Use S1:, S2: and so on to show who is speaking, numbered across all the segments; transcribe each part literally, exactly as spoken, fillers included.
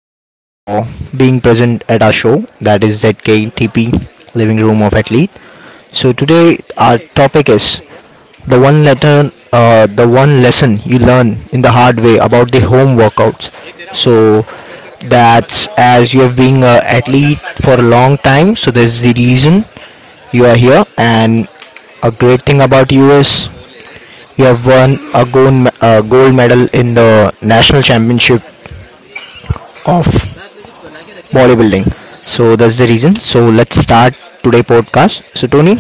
S1: you for being present at our show. That is Z K T P, living room of athlete. So today our topic is the one letter, uh, the one lesson you learn in the hard way about the home workouts. So that's as you have been an athlete for a long time so there's the reason you are here. And a great thing about you is you have won a gold, me- uh, gold medal in the national championship of bodybuilding. So that's the reason. So let's start today podcast. So Tony,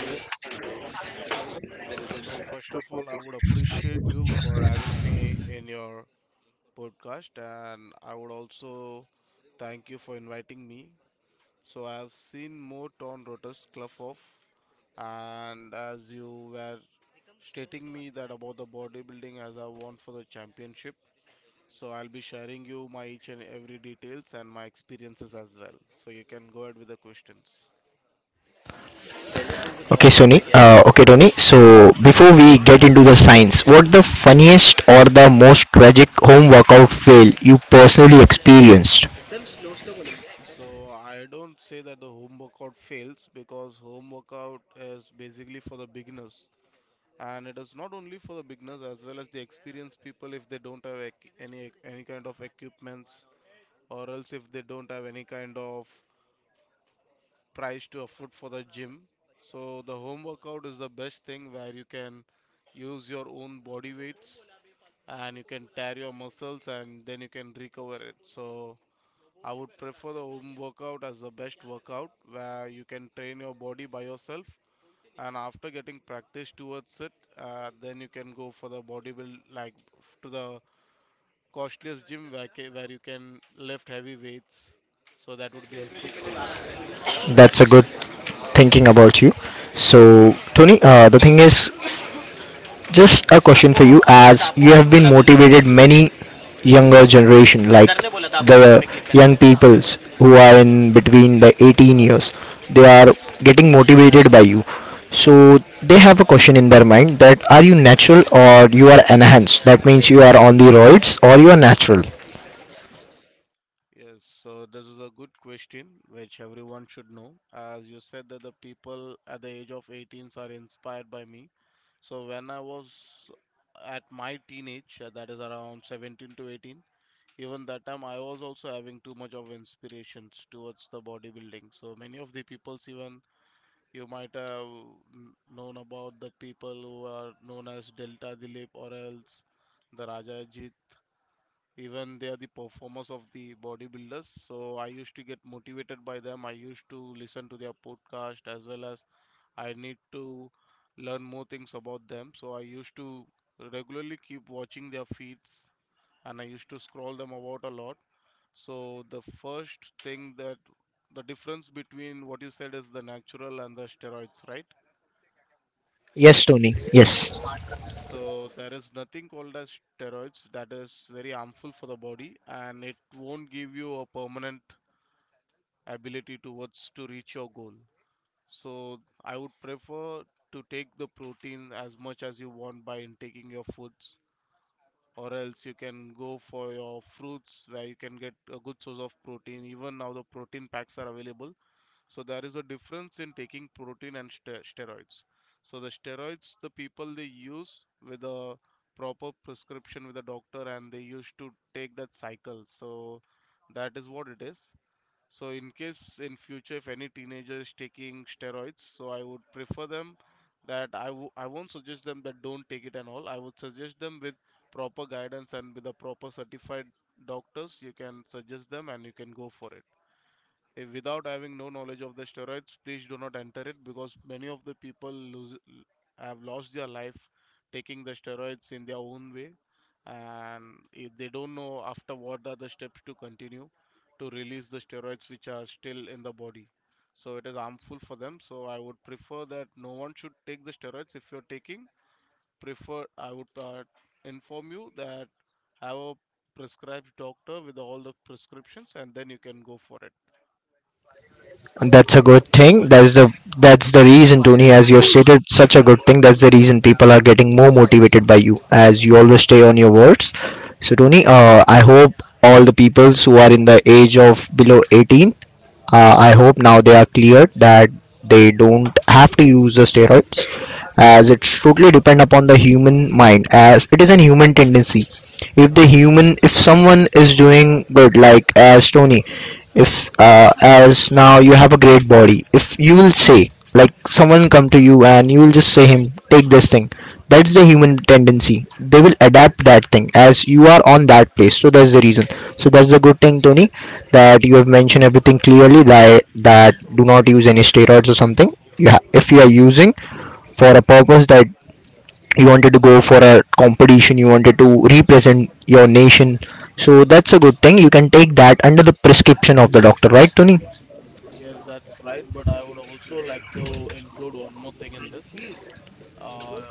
S2: Yes. So first of all, I would appreciate you for having me in your podcast, and I would also thank you for inviting me. So I have seen more torn rotas cluff off, and as you were stating me that about the bodybuilding as I want for the championship, so I'll be sharing you my each and every details and my experiences as well. So you can go ahead with the questions.
S1: okay, Sony, uh, okay, Tony. So before we get into the science, what the funniest or the most tragic home workout fail you personally experienced?
S2: So I don't say that the home workout fails because home workout is basically for the beginners, and it is not only for the beginners as well as the experienced people if they don't have ec- any any kind of equipments, or else if they don't have any kind of price to afford for the gym. So the home workout is the best thing where you can use your own body weights and you can tear your muscles and then you can recover it. So I would prefer the home workout as the best workout where you can train your body by yourself, and after getting practice towards it, uh, then you can go for the bodybuild, like to the costliest gym where, ca- where you can lift heavy weights, so that would be helpful for you.
S1: That's a good thinking about you. So, Tony, uh, the thing is, just a question for you, as you have been motivated many younger generation, like the young peoples who are in between the eighteen years, they are getting motivated by you. So they have a question in their mind that are you natural or you are enhanced? That means you are on the roids or you are natural.
S2: Yes, so this is a good question which everyone should know. As you said that the people at the age of eighteens are inspired by me, so when I was at my teenage, uh, that is around seventeen to eighteen, even that time I was also having too much of inspirations towards the bodybuilding. So many of the peoples, even you might have kn- known about the people who are known as Delta Dilip or else the Raja Ajit, even they are the performers of the bodybuilders. So I used to get motivated by them, I used to listen to their podcast as well. As I need to learn more things about them, so I used to regularly keep watching their feeds, and I used to scroll them about a lot. So the first thing, that the difference between what you said is the natural and the steroids, right?
S1: Yes, Tony. Yes.
S2: Yes. So there is nothing called as steroids that is very harmful for the body, and it won't give you a permanent ability towards to reach your goal. So I would prefer to take the protein as much as you want by intaking your foods, or else you can go for your fruits where you can get a good source of protein. Even now the protein packs are available. So there is a difference in taking protein and ste- steroids. So the steroids, the people they use with a proper prescription with a doctor, and they used to take that cycle. So that is what it is. So in case in future if any teenager is taking steroids, so I would prefer them that I w- I won't suggest them that don't take it and all. I would suggest them with proper guidance and with a proper certified doctors. You can suggest them and you can go for it. If without having no knowledge of the steroids, please do not enter it, because many of the people lose, have lost their life taking the steroids in their own way. And if they don't know after what are the steps to continue to release the steroids which are still in the body. So it is harmful for them. So I would prefer that no one should take the steroids. If you're taking, prefer I would uh, inform you that have a prescribed doctor with all the prescriptions, and then you can go for it.
S1: And that's a good thing. That's the that's the reason, Tony, as you have stated, such a good thing. That's the reason people are getting more motivated by you, as you always stay on your words. So, Tony, uh, I hope all the peoples who are in the age of below eighteen, uh, I hope now they are cleared that they don't have to use the steroids, as it's totally depend upon the human mind, as it is an human tendency if the human if someone is doing good, like as Tony, if uh, as now you have a great body, if you will say like someone come to you and you will just say him take this thing, that's the human tendency, they will adapt that thing as you are on that place, so that's the reason. So that's a good thing, Tony, that you have mentioned everything clearly, that that do not use any steroids or something. You ha- if you are using for a purpose, that you wanted to go for a competition, you wanted to represent your nation, so that's a good thing, you can take that under the prescription of the doctor, right, Tony?
S2: Yes, that's right. But I would also like to include one more thing in this. Uh,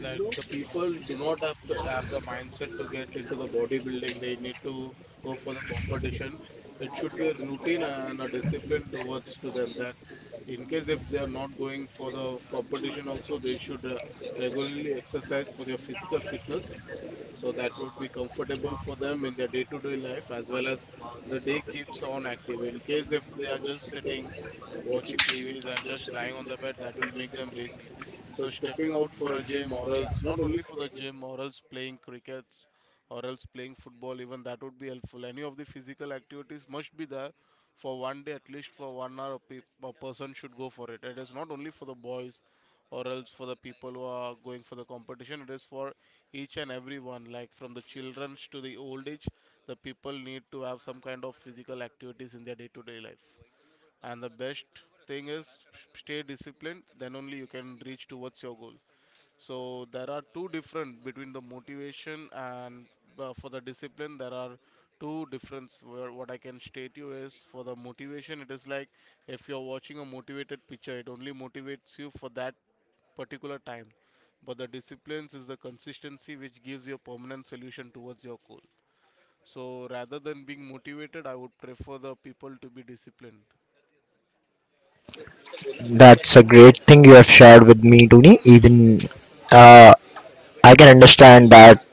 S2: like, the people do not have to have the mindset to get into the bodybuilding. They need to go for the competition. It should be a routine and a discipline towards to them, that in case if they are not going for the f- competition also, they should uh, regularly exercise for their physical fitness. So that would be comfortable for them in their day-to-day life, as well as the day keeps on active. In case if they are just sitting watching T Vs and just lying on the bed, that will make them lazy. So stepping out for a gym, or else not only for the gym, or else playing cricket or else playing football, even that would be helpful. Any of the physical activities must be there for one day, at least for one hour a, pe- a person should go for it. It is not only for the boys or else for the people who are going for the competition, it is for each and everyone, like from the children to the old age, the people need to have some kind of physical activities in their day to day life. And the best thing is, stay disciplined, then only you can reach towards your goal. So there are two different between the motivation and, uh, for the discipline, there are two difference where what I can state you is, for the motivation it is like, if you're watching a motivated picture, it only motivates you for that particular time. But the disciplines is the consistency which gives you a permanent solution towards your goal. So rather than being motivated, I would prefer the people to be disciplined.
S1: That's a great thing you have shared with me, Tony. Even I can understand that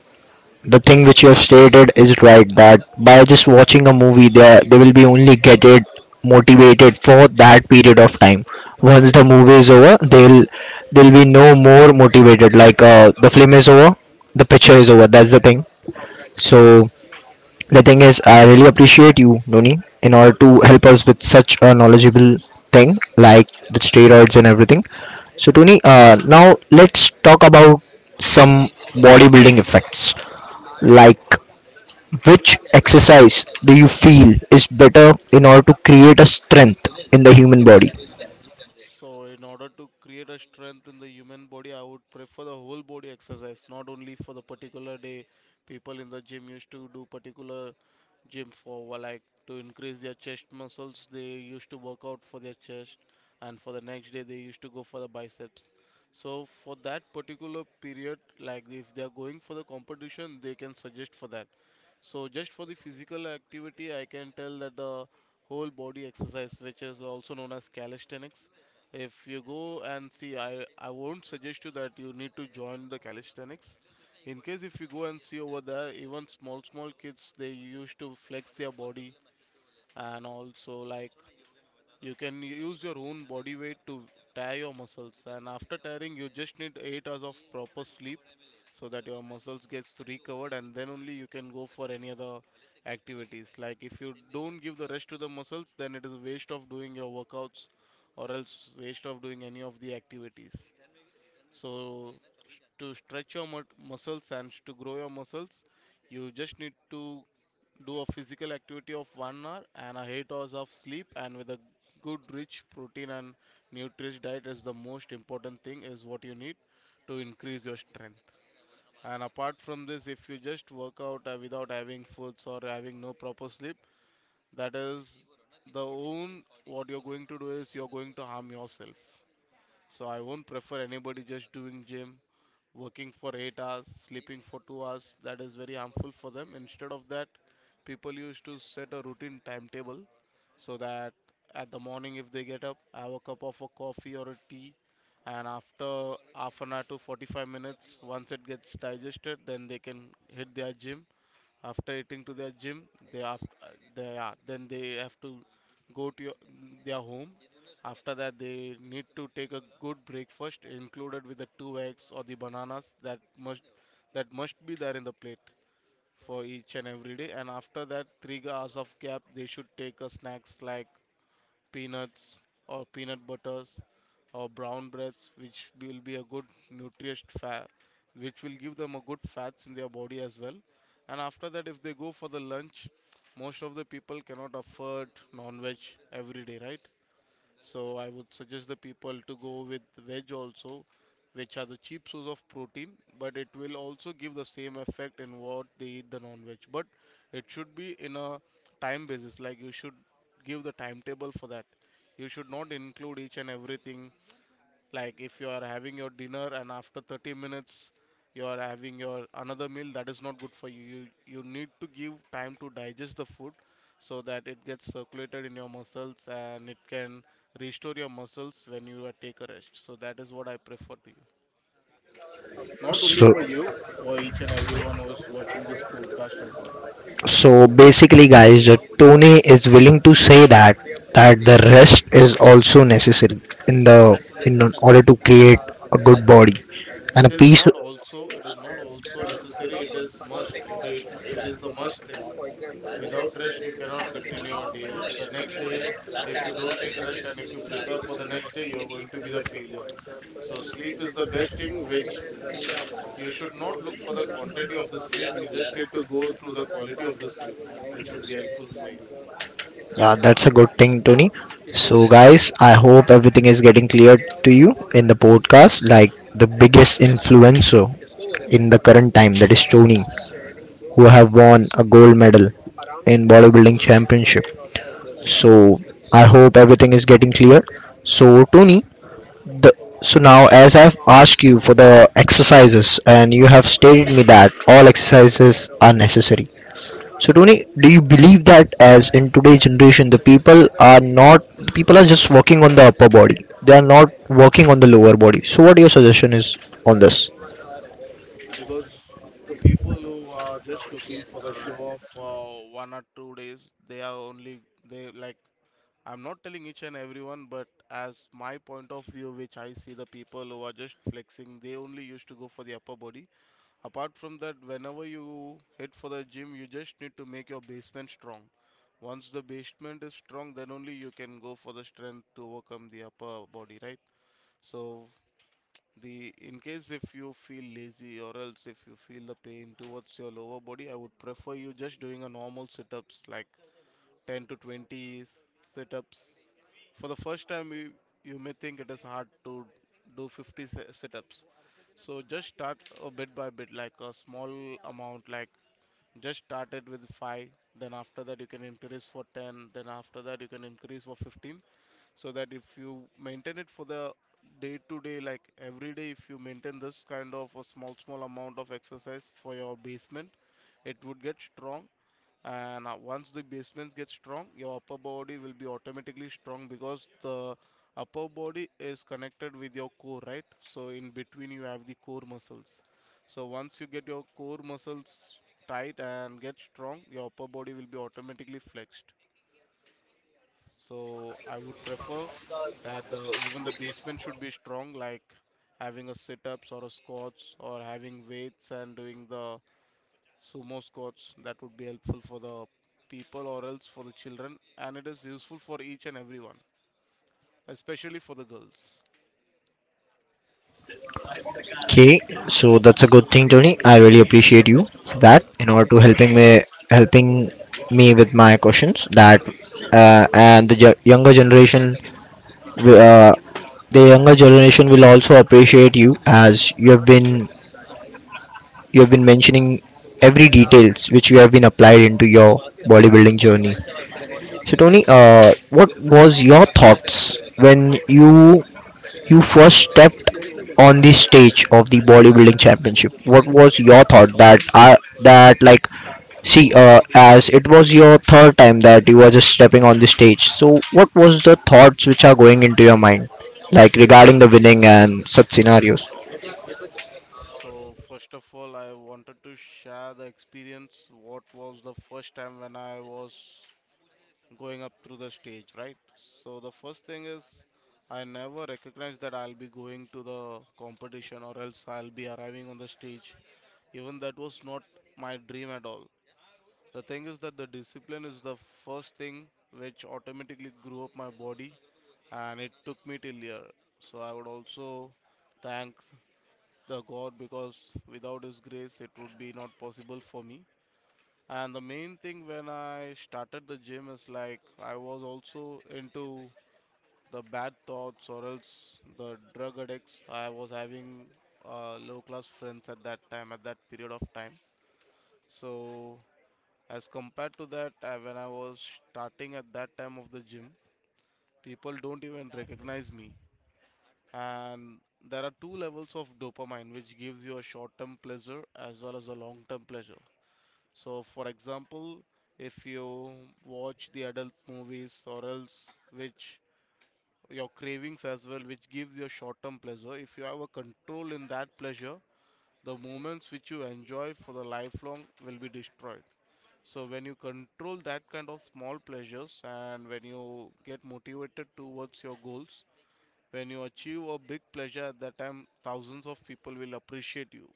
S1: the thing which you have stated is right, that by just watching a movie, they, they will be only get it motivated for that period of time. Once the movie is over, they'll they'll be no more motivated, like uh, the film is over, the picture is over, that's the thing. So the thing is, I really appreciate you, Noni, in order to help us with such a knowledgeable thing like the steroids and everything. So, Tony, uh, now let's talk about some bodybuilding effects. Like, which exercise do you feel is better in order to create a strength in the human body?
S2: So, in order to create a strength in the human body, I would prefer the whole body exercise, not only for the particular day. People in the gym used to do particular gym for well, like to increase their chest muscles. They used to work out for their chest, and for the next day they used to go for the biceps. So, for that particular period, like if they are going for the competition, they can suggest for that. So, just for the physical activity, I can tell that the whole body exercise, which is also known as calisthenics. If you go and see, I, I won't suggest you that you need to join the calisthenics. In case if you go and see over there, even small small kids, they used to flex their body, and also like you can use your own body weight to tire your muscles, and after tiring, you just need eight hours of proper sleep so that your muscles gets recovered, and then only you can go for any other activities. Like if you don't give the rest to the muscles, then it is a waste of doing your workouts, or else waste of doing any of the activities. So s- to stretch your mu- muscles and to grow your muscles, you just need to do a physical activity of one hour and a eight hours of sleep, and with a good rich protein and nutritious diet is the most important thing is what you need to increase your strength. And apart from this, if you just work out uh, without having foods or having no proper sleep, that is the own what you're going to do is you're going to harm yourself. So I won't prefer anybody just doing gym, working for eight hours, sleeping for two hours. That is very harmful for them. Instead of that, people used to set a routine timetable, so that at the morning if they get up, have a cup of a coffee or a tea, and after half an hour to forty-five minutes once it gets digested, then they can hit their gym. After eating to their gym, they have, they are, then they have to go to your, their home. After that, they need to take a good breakfast included with the two eggs or the bananas, that must, that must be there in the plate for each and every day. And after that three hours of gap, they should take a snacks like peanuts, or peanut butters, or brown breads, which will be a good nutritious fat, which will give them a good fats in their body as well. And after that if they go for the lunch, most of the people cannot afford non-veg every day, right? So I would suggest the people to go with veg also, which are the cheap source of protein, but it will also give the same effect in what they eat the non-veg. But it should be in a time basis, like you should give the timetable for that. You should not include each and everything, like if you are having your dinner and after thirty minutes you are having your another meal, that is not good for you. You, you need to give time to digest the food so that it gets circulated in your muscles and it can restore your muscles when you are take a rest. So that is what I prefer to you, not only
S1: So
S2: for you, for each and everyone who is watching this podcast as well.
S1: So basically, guys, uh, Tony is willing to say that that the rest is also necessary in the in order to create a good body and a
S2: it is
S1: piece.
S2: not also it is not also necessary, it is must, it, it, it is the must thing. Without rest, you cannot continue your day. The next day, if you don't take rest and if you prepare for the next day, you're going to be the failure. So sleep is the best thing, which you should not look for the quantity of the sleep. You just need to go through the quality of the sleep, which would be helpful for you.
S1: Yeah, that's a good thing, Tony. So, guys, I hope everything is getting clear to you in the podcast. Like the biggest influencer in the current time, that is Tony, who have won a gold medal in bodybuilding championship. So, I hope everything is getting clear. So, Tony, The, so now, as I've asked you for the exercises, and you have stated me that all exercises are necessary. So, Tony, do you believe that as in today's generation, the people are not people are just working on the upper body; they are not working on the lower body. So, what your suggestion is on this?
S2: Because the people who are just looking for the show of uh, one or two days, they are only, they like, I'm not telling each and everyone, but as my point of view, which I see, the people who are just flexing, they only used to go for the upper body. Apart from that, whenever you hit for the gym, you just need to make your basement strong. Once the basement is strong, then only you can go for the strength to overcome the upper body, right? So the, in case if you feel lazy or else if you feel the pain towards your lower body, I would prefer you just doing a normal sit-ups like ten to twenty sit ups. For the first time, you, you may think it is hard to do fifty sit ups. So just start a bit by bit, like a small amount, like just start it with five, then after that, you can increase for ten, then after that, you can increase for fifteen. So that if you maintain it for the day to day, like every day, if you maintain this kind of a small, small amount of exercise for your basement, it would get strong, and uh, once the basements get strong, your upper body will be automatically strong, because the upper body is connected with your core, right? So in between you have the core muscles. So once you get your core muscles tight and get strong, your upper body will be automatically flexed. So I would prefer that the even the basement should be strong, like having a sit ups or a squats or having weights and doing the sumo squats. That would be helpful for the people or else for the children, and it is useful for each and everyone, especially for the girls.
S1: Okay, so that's a good thing, Tony. I really appreciate you for that
S2: Yeah,
S1: in
S2: thank
S1: order to
S2: you.
S1: helping me helping me with my questions, that uh, and the yo- younger generation, uh, the younger generation will also appreciate you as you have been you have been mentioning every details which you have been applied into your bodybuilding journey. So Tony, uh, what was your thoughts when you you first stepped on the stage of the bodybuilding championship? What was your thought, that I that like see, uh, as it was your third time that you were just stepping on the stage. So what was the thoughts which are going into your mind, like regarding the winning and such scenarios?
S2: So first of all, I wanted to share the experience, what was the first time when I was going up through the stage, right? So the first thing is, I never recognized that I'll be going to the competition or else I'll be arriving on the stage. Even that was not my dream at all. The thing is that the discipline is the first thing which automatically grew up my body, and it took me till here. So I would also thank the God, because without His grace, it would be not possible for me. And the main thing when I started the gym is like, I was also into the bad thoughts or else the drug addicts. I was having uh, low class friends at that time, at that period of time. So as compared to that, uh, when I was starting at that time of the gym, people don't even recognize me. And there are two levels of dopamine which gives you a short term pleasure as well as a long term pleasure. So for example, if you watch the adult movies or else which your cravings as well, which gives you a short term pleasure, if you have a control in that pleasure, the moments which you enjoy for the lifelong will be destroyed. So when you control that kind of small pleasures and when you get motivated towards your goals, when you achieve a big pleasure at that time, thousands of people will appreciate you,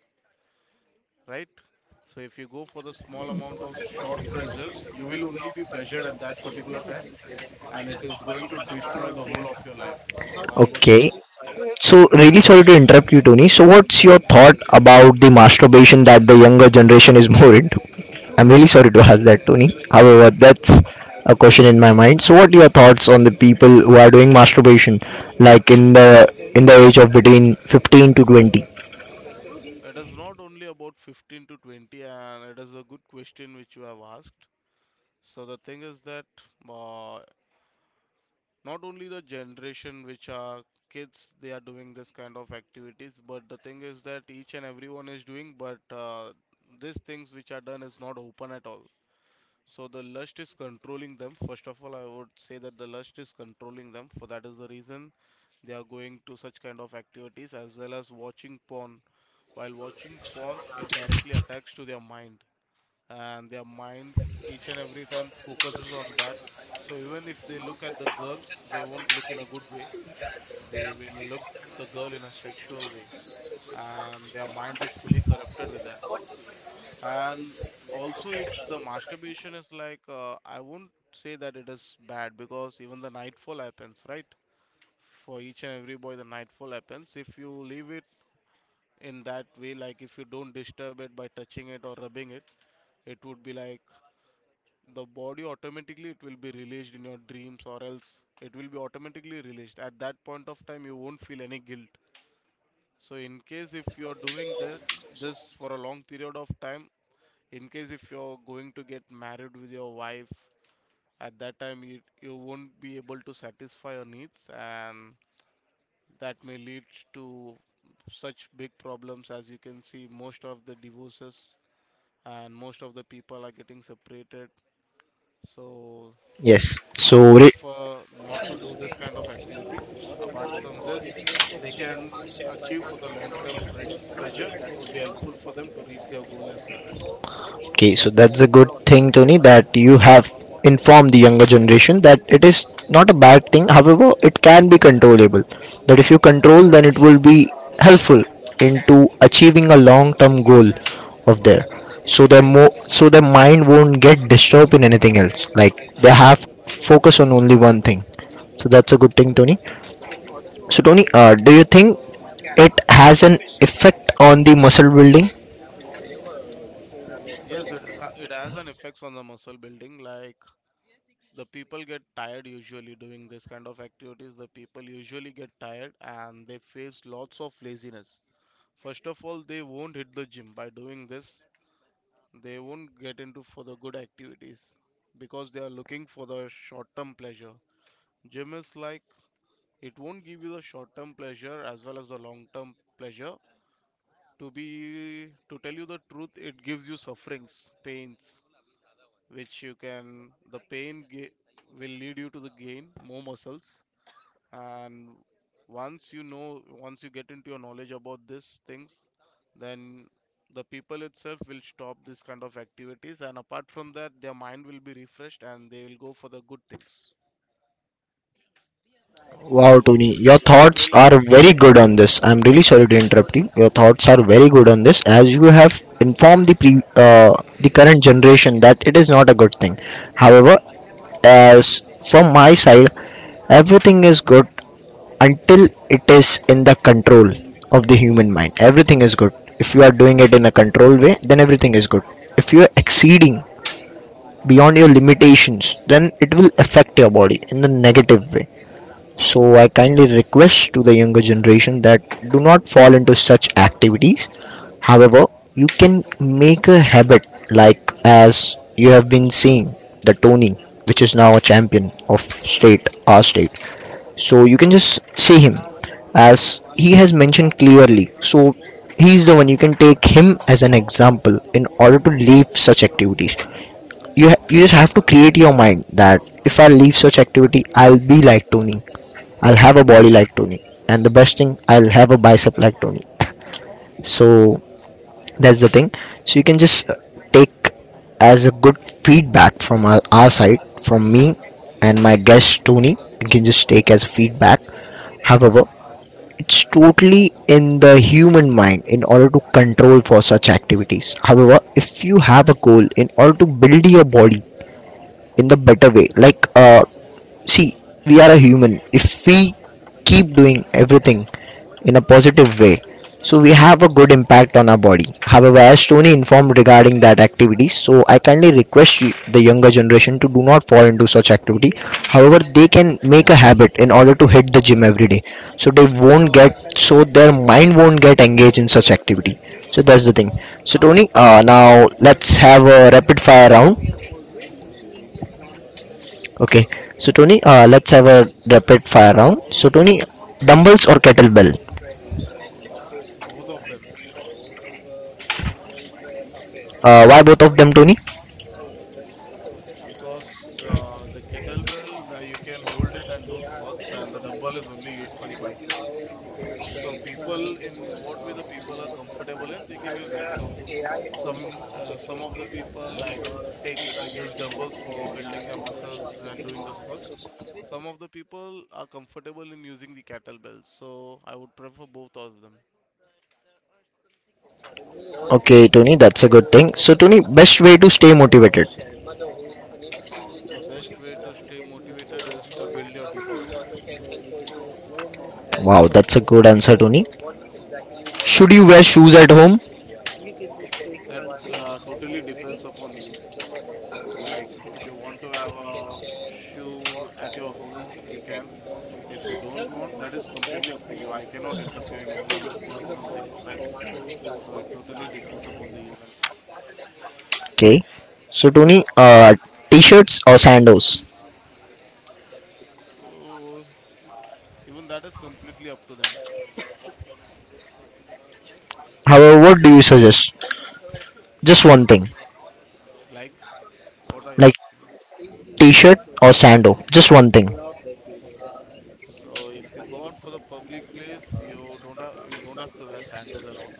S2: right? So if you go for the small amount of short pleasures, you will only be pleasured at that particular time, and it is going to destroy the whole of your life. So I would,
S1: Okay.
S2: pre- yes.
S1: So really sorry to interrupt you, Tony. So what's your thought about the masturbation that the younger generation is more into? I'm really sorry to ask that, Tony. However, that's a question in my mind. So, what are your thoughts on the people who are doing masturbation, like in the in the age of between fifteen to twenty?
S2: It is not only about fifteen to twenty, and it is a good question which you have asked. So the thing is that, uh, not only the generation which are kids they are doing this kind of activities, but the thing is that each and everyone is doing, but uh, these things which are done is not open at all. So the lust is controlling them, first of all, I would say that the lust is controlling them, for that is the reason they are going to such kind of activities as well as watching porn. While watching porn, it directly attacks to their mind, and their mind each and every time focuses on that. So even if they look at the girl, they won't look in a good way. They will look the girl in a sexual way, and their mind is fully corrupted with that. And also, if the masturbation is like, uh, I won't say that it is bad, because even the nightfall happens, right? For each and every boy, the nightfall happens. If you leave it in that way, like if you don't disturb it by touching it or rubbing it, it would be like, the body automatically, it will be released in your dreams or else it will be automatically released at that point of time, you won't feel any guilt. So in case if you're doing that, this for a long period of time, in case if you're going to get married with your wife, at that time you, you won't be able to satisfy your needs, and that may lead to such big problems, as you can see most of the divorces and most of the people are getting separated. So
S1: Yes.
S2: I
S1: So,
S2: would
S1: re-
S2: prefer not to do this kind of activities. Apart from this, they can achieve for the long term pres- pleasure. That would be helpful for them to reach their goal as well.
S1: Okay, so that's a good thing, Tony, that you have informed the younger generation that it is not a bad thing. However, it can be controllable. That if you control, then it will be helpful into achieving a long-term goal of their. So their mo- so their mind won't get disturbed in anything else. Like they have focus on only one thing. So that's a good thing, Tony. So Tony, uh, do you think it has an effect on the muscle building?
S2: Yes, it, is, a- it has an effects on the muscle building. Like the people get tired usually doing this kind of activities. The people usually get tired and they face lots of laziness. First of all, they won't hit the gym by doing this. They won't get into for the good activities because they are looking for the short term pleasure. Gym is like, it won't give you the short term pleasure as well as the long term pleasure. To be to tell you the truth, it gives you sufferings, pains, which you can the pain ga- will lead you to the gain more muscles. And once you know, once you get into your knowledge about these things, then the people itself will stop this kind of activities. And apart from that, their mind will be refreshed and they will go for the good things.
S1: Wow, Tony,
S2: So
S1: your
S2: it
S1: thoughts
S2: will
S1: are
S2: affect.
S1: very good on this. I'm really sorry to
S2: Yes.
S1: interrupt you. Your thoughts are very good on this, as you have informed the pre, uh, the current generation that it is not a good thing. However, as from my side, everything is good until it is in the control of the human mind. Everything is good. If you are doing it in a controlled way, then everything is good. If you are exceeding beyond your limitations, then it will affect your body in the negative way, so I kindly request to the younger generation that do not fall into such activities. However, you can make a habit like as you have been seeing the Tony, which is now a champion of state, our state. So you can just see him as he has mentioned clearly. So he is the one, you can take him as an example in order to leave such activities. You ha- you just have to create your mind that if I leave such activity, I'll be like Tony. I'll have a body like Tony, and the best thing, I'll have a bicep like Tony. So that's the thing. So you can just uh, take as a good feedback from our, our side, from me and my guest Tony. You can just take as feedback. However, it's totally in the human mind in order to control for such activities. However, if you have a goal in order to build your body in the better way, like uh, see, we are a human. If we keep doing everything in a positive way. So we have a good impact on our body. However, as Tony informed regarding that activity, so I kindly request you- the younger generation to do not fall into such activity. However, they can make a habit in order to hit the gym every day. So they won't get so their mind won't get engaged in such activity. So that's the thing. So Tony, uh, now let's have a rapid fire round.
S2: Okay,
S1: Okay. So Tony, uh, let's have a rapid fire round. So Tony, dumbbells or kettlebell?
S2: both of them,
S1: Uh, why both of them, Tony?
S2: because uh, the kettlebell where you can hold it and do squats, and the dumbbell is only used for the biceps. So people, in what way the people are comfortable in, they can use that. So bo- some uh, some of the people like take uh, use dumbbells for building their muscles and doing the squats. Some of the people are comfortable in using the kettlebell. So I would prefer both of them.
S1: Okay, Tony, that's a good thing. So, Tony, best way to stay motivated.
S2: The best way to stay motivated is to build your discipline.
S1: Wow, that's a good answer, Tony. Should you wear shoes at home?
S2: That uh, totally depends upon you. Like, if you want to have a shoe at your home, you can. If you don't want, that is completely up to you. I cannot interfere in anyone's personal things, right? So it totally depends upon the human fact.
S1: Okay. So, Tony, uh, t-shirts or sandals?
S2: So even that is completely up to them.
S1: However, what do you suggest? Just one thing,
S2: Like, what are you
S1: like
S2: asking?
S1: t-shirt or sandal. Just one thing.
S2: So if you go out for the public place, you don't have you don't have to wear sandals and all.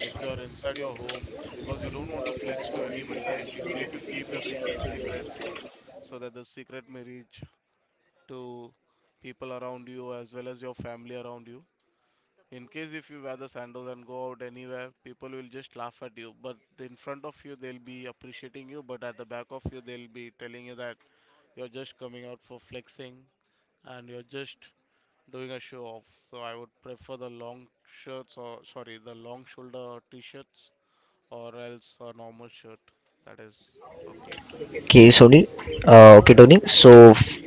S2: If you are inside your home, because you don't want to flex to anybody, right? You need to keep your things in secret, so that the secret may reach to people around you as well as your family around you. In case if you wear the sandals and go out anywhere, people will just laugh at you. But in front of you, they'll be appreciating you. But at the back of you, they'll be telling you that you're just coming out for flexing, and you're just doing a show off. So I would prefer the long shirts, or sorry, the long shoulder t-shirts or else a normal shirt. That is okay.
S1: Okay, Tony. Uh, okay, Tony. So, f-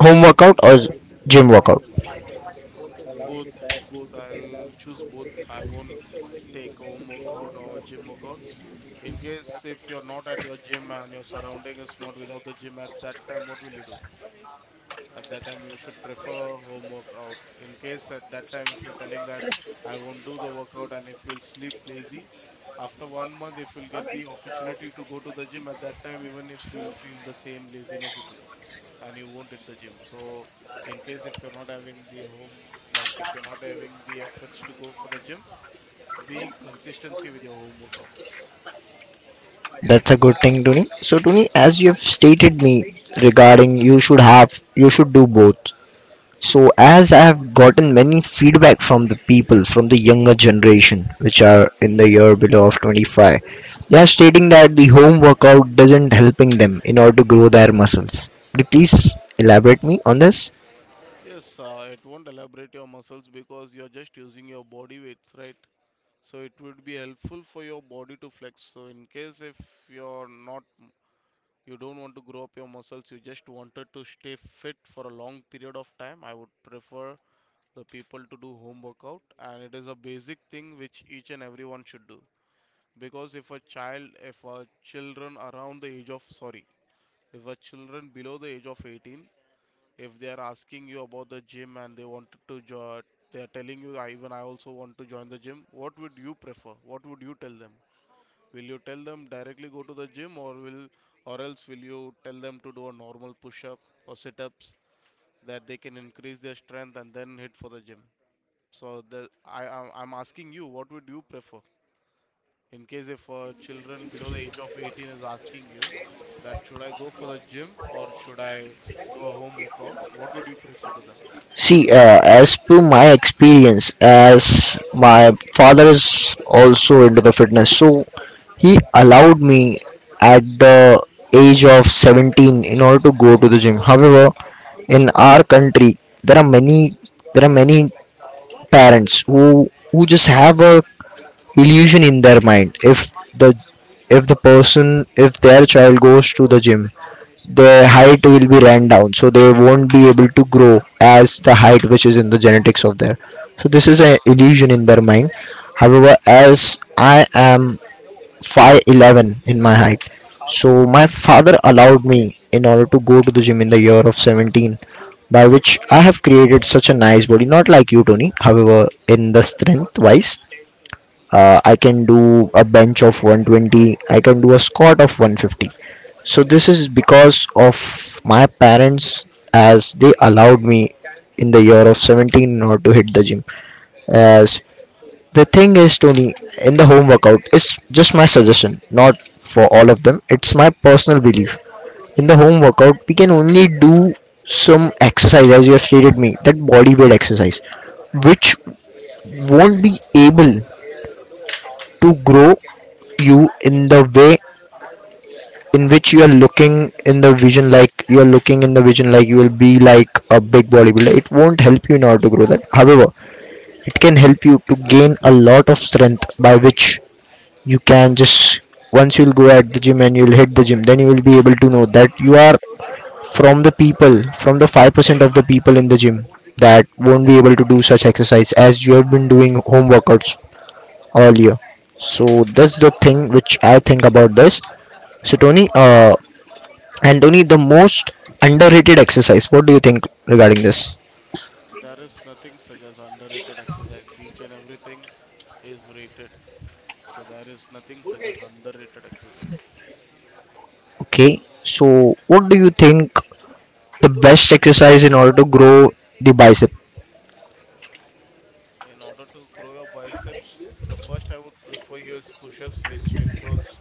S1: home workout or gym workout?
S2: Both, both. I'll choose both. I won't take home workout or gym workout. In case if you're not at your gym and your surrounding is not without the gym, at that time what will you do? At that time you should prefer home workout. In case at that time if you're telling that I won't do the workout, and if you'll sleep lazy, after one month if you'll get the opportunity to go to the gym, at that time even if you'll feel the same laziness in you, and you won't hit the gym. So in case if you're not having the home, like if you're not having the efforts to go for the gym, be consistency with your home workouts.
S1: That's a good thing, Tony. So, Tony, as you have stated me regarding, you should have, you should do both. So, as I've gotten many feedback from the people from the younger generation, which are in the year below of twenty-five, they are stating that the home workout doesn't helping them in order to grow their muscles. Could you please elaborate me on this?
S2: Yes, uh, it won't elaborate your muscles because you're just using your body weights, right? So it would be helpful for your body to flex. So in case if you're not, you don't want to grow up your muscles, you just wanted to stay fit for a long period of time, I would prefer the people to do home workout, and it is a basic thing which each and everyone should do. Because if a child, if a children around the age of, sorry, if a children below the age of eighteen, if they are asking you about the gym and they wanted to join, they are telling you I, even I also want to join the gym, what would you prefer, what would you tell them? Will you tell them directly go to the gym, or will, or else will you tell them to do a normal push up or sit ups, that they can increase their strength and then hit for the gym? So the, i i'm I'm asking you, what would you prefer in case if uh, children below the age of eighteen is asking you that should I go for the gym or should I do a home workout, what would you prefer to them?
S1: See, uh, as per my experience, as my father is also into the fitness, so he allowed me at the age of seventeen in order to go to the gym. However, in our country, there are many there are many parents who who just have a illusion in their mind, if the if the person, if their child goes to the gym, the height will be ran down, so they won't be able to grow as the height which is in the genetics of their. So this is an illusion in their mind. However, as I am five eleven in my height, so my father allowed me in order to go to the gym in the year of seventeen, by which I have created such a nice body, not like you, Tony. However, in the strength wise, uh, I can do a bench of one twenty, I can do a squat of one fifty. So this is because of my parents, as they allowed me in the year of seventeen not to hit the gym. As the thing is, Tony, in the home workout, it's just my suggestion, not for all of them, it's my personal belief. In the home workout we can only do some exercise, as you have stated me, that body weight exercise, which won't be able to grow you in the way in which you are looking, in the vision like you are looking in the vision, like you will be like a big bodybuilder, it won't help you in order to grow that. However, it can help you to gain a lot of strength, by which you can just, once you'll go at the gym and you'll hit the gym, then you will be able to know that you are from the people from the five percent of the people in the gym that won't be able to do such exercise as you have been doing home workouts earlier. So that's the thing which I think about this. So Tony, uh, and Tony, the most underrated exercise. What do you think regarding this?
S2: There is nothing such as underrated exercise. Each and everything is rated. So there is nothing such as underrated exercise.
S1: Okay. So what do you think the best exercise in order to grow the bicep?
S2: In order to grow your biceps, the first I would prefer you is push-ups, which includes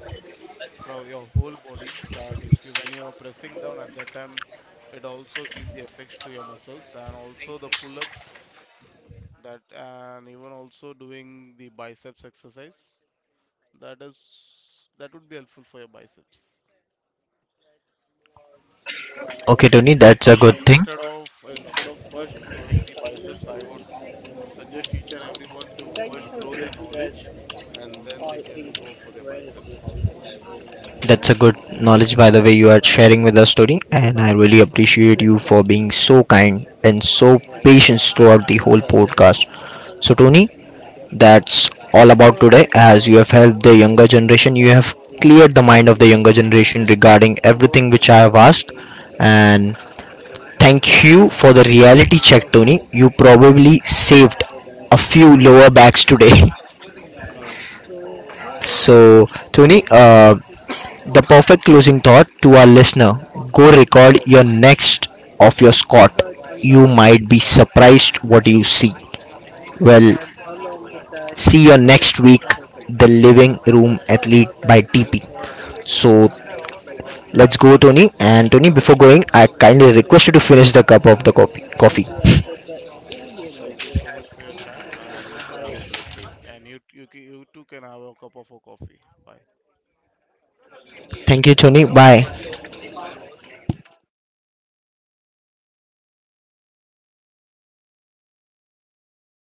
S2: from your whole body. That if you when you are pressing down at that time, it also gives the effects to your muscles, and also the pull-ups. That and even also doing the biceps exercise. That is, that would be helpful for your biceps.
S1: Okay, Tony, that's a good thing.
S2: Instead of instead of first growing the biceps, I would suggest each and everyone to first grow their knowledge, and then they can go for their biceps.
S1: That's a good knowledge, by the way, you are sharing with us, Tony. And I really appreciate you for being so kind and so patient throughout the whole podcast. So, Tony, that's all about today. As you have helped the younger generation, you have cleared the mind of the younger generation regarding everything which I have asked. And thank you for the reality check, Tony. You probably saved a few lower backs today.
S2: Okay.
S1: So, Tony, uh, the perfect closing thought to our listener, go record your next of your Scott. You might be surprised what you see. Well, see you next week, the Living Room Athlete by T P. So let's go, Tony. And Tony, before going, I kindly request you to finish the cup of the coffee. coffee.
S2: Yes. Thank you so much for your time, and you two have a great day. And you you, you too can have a cup of a coffee. Bye.
S1: Thank you, Tony. Bye.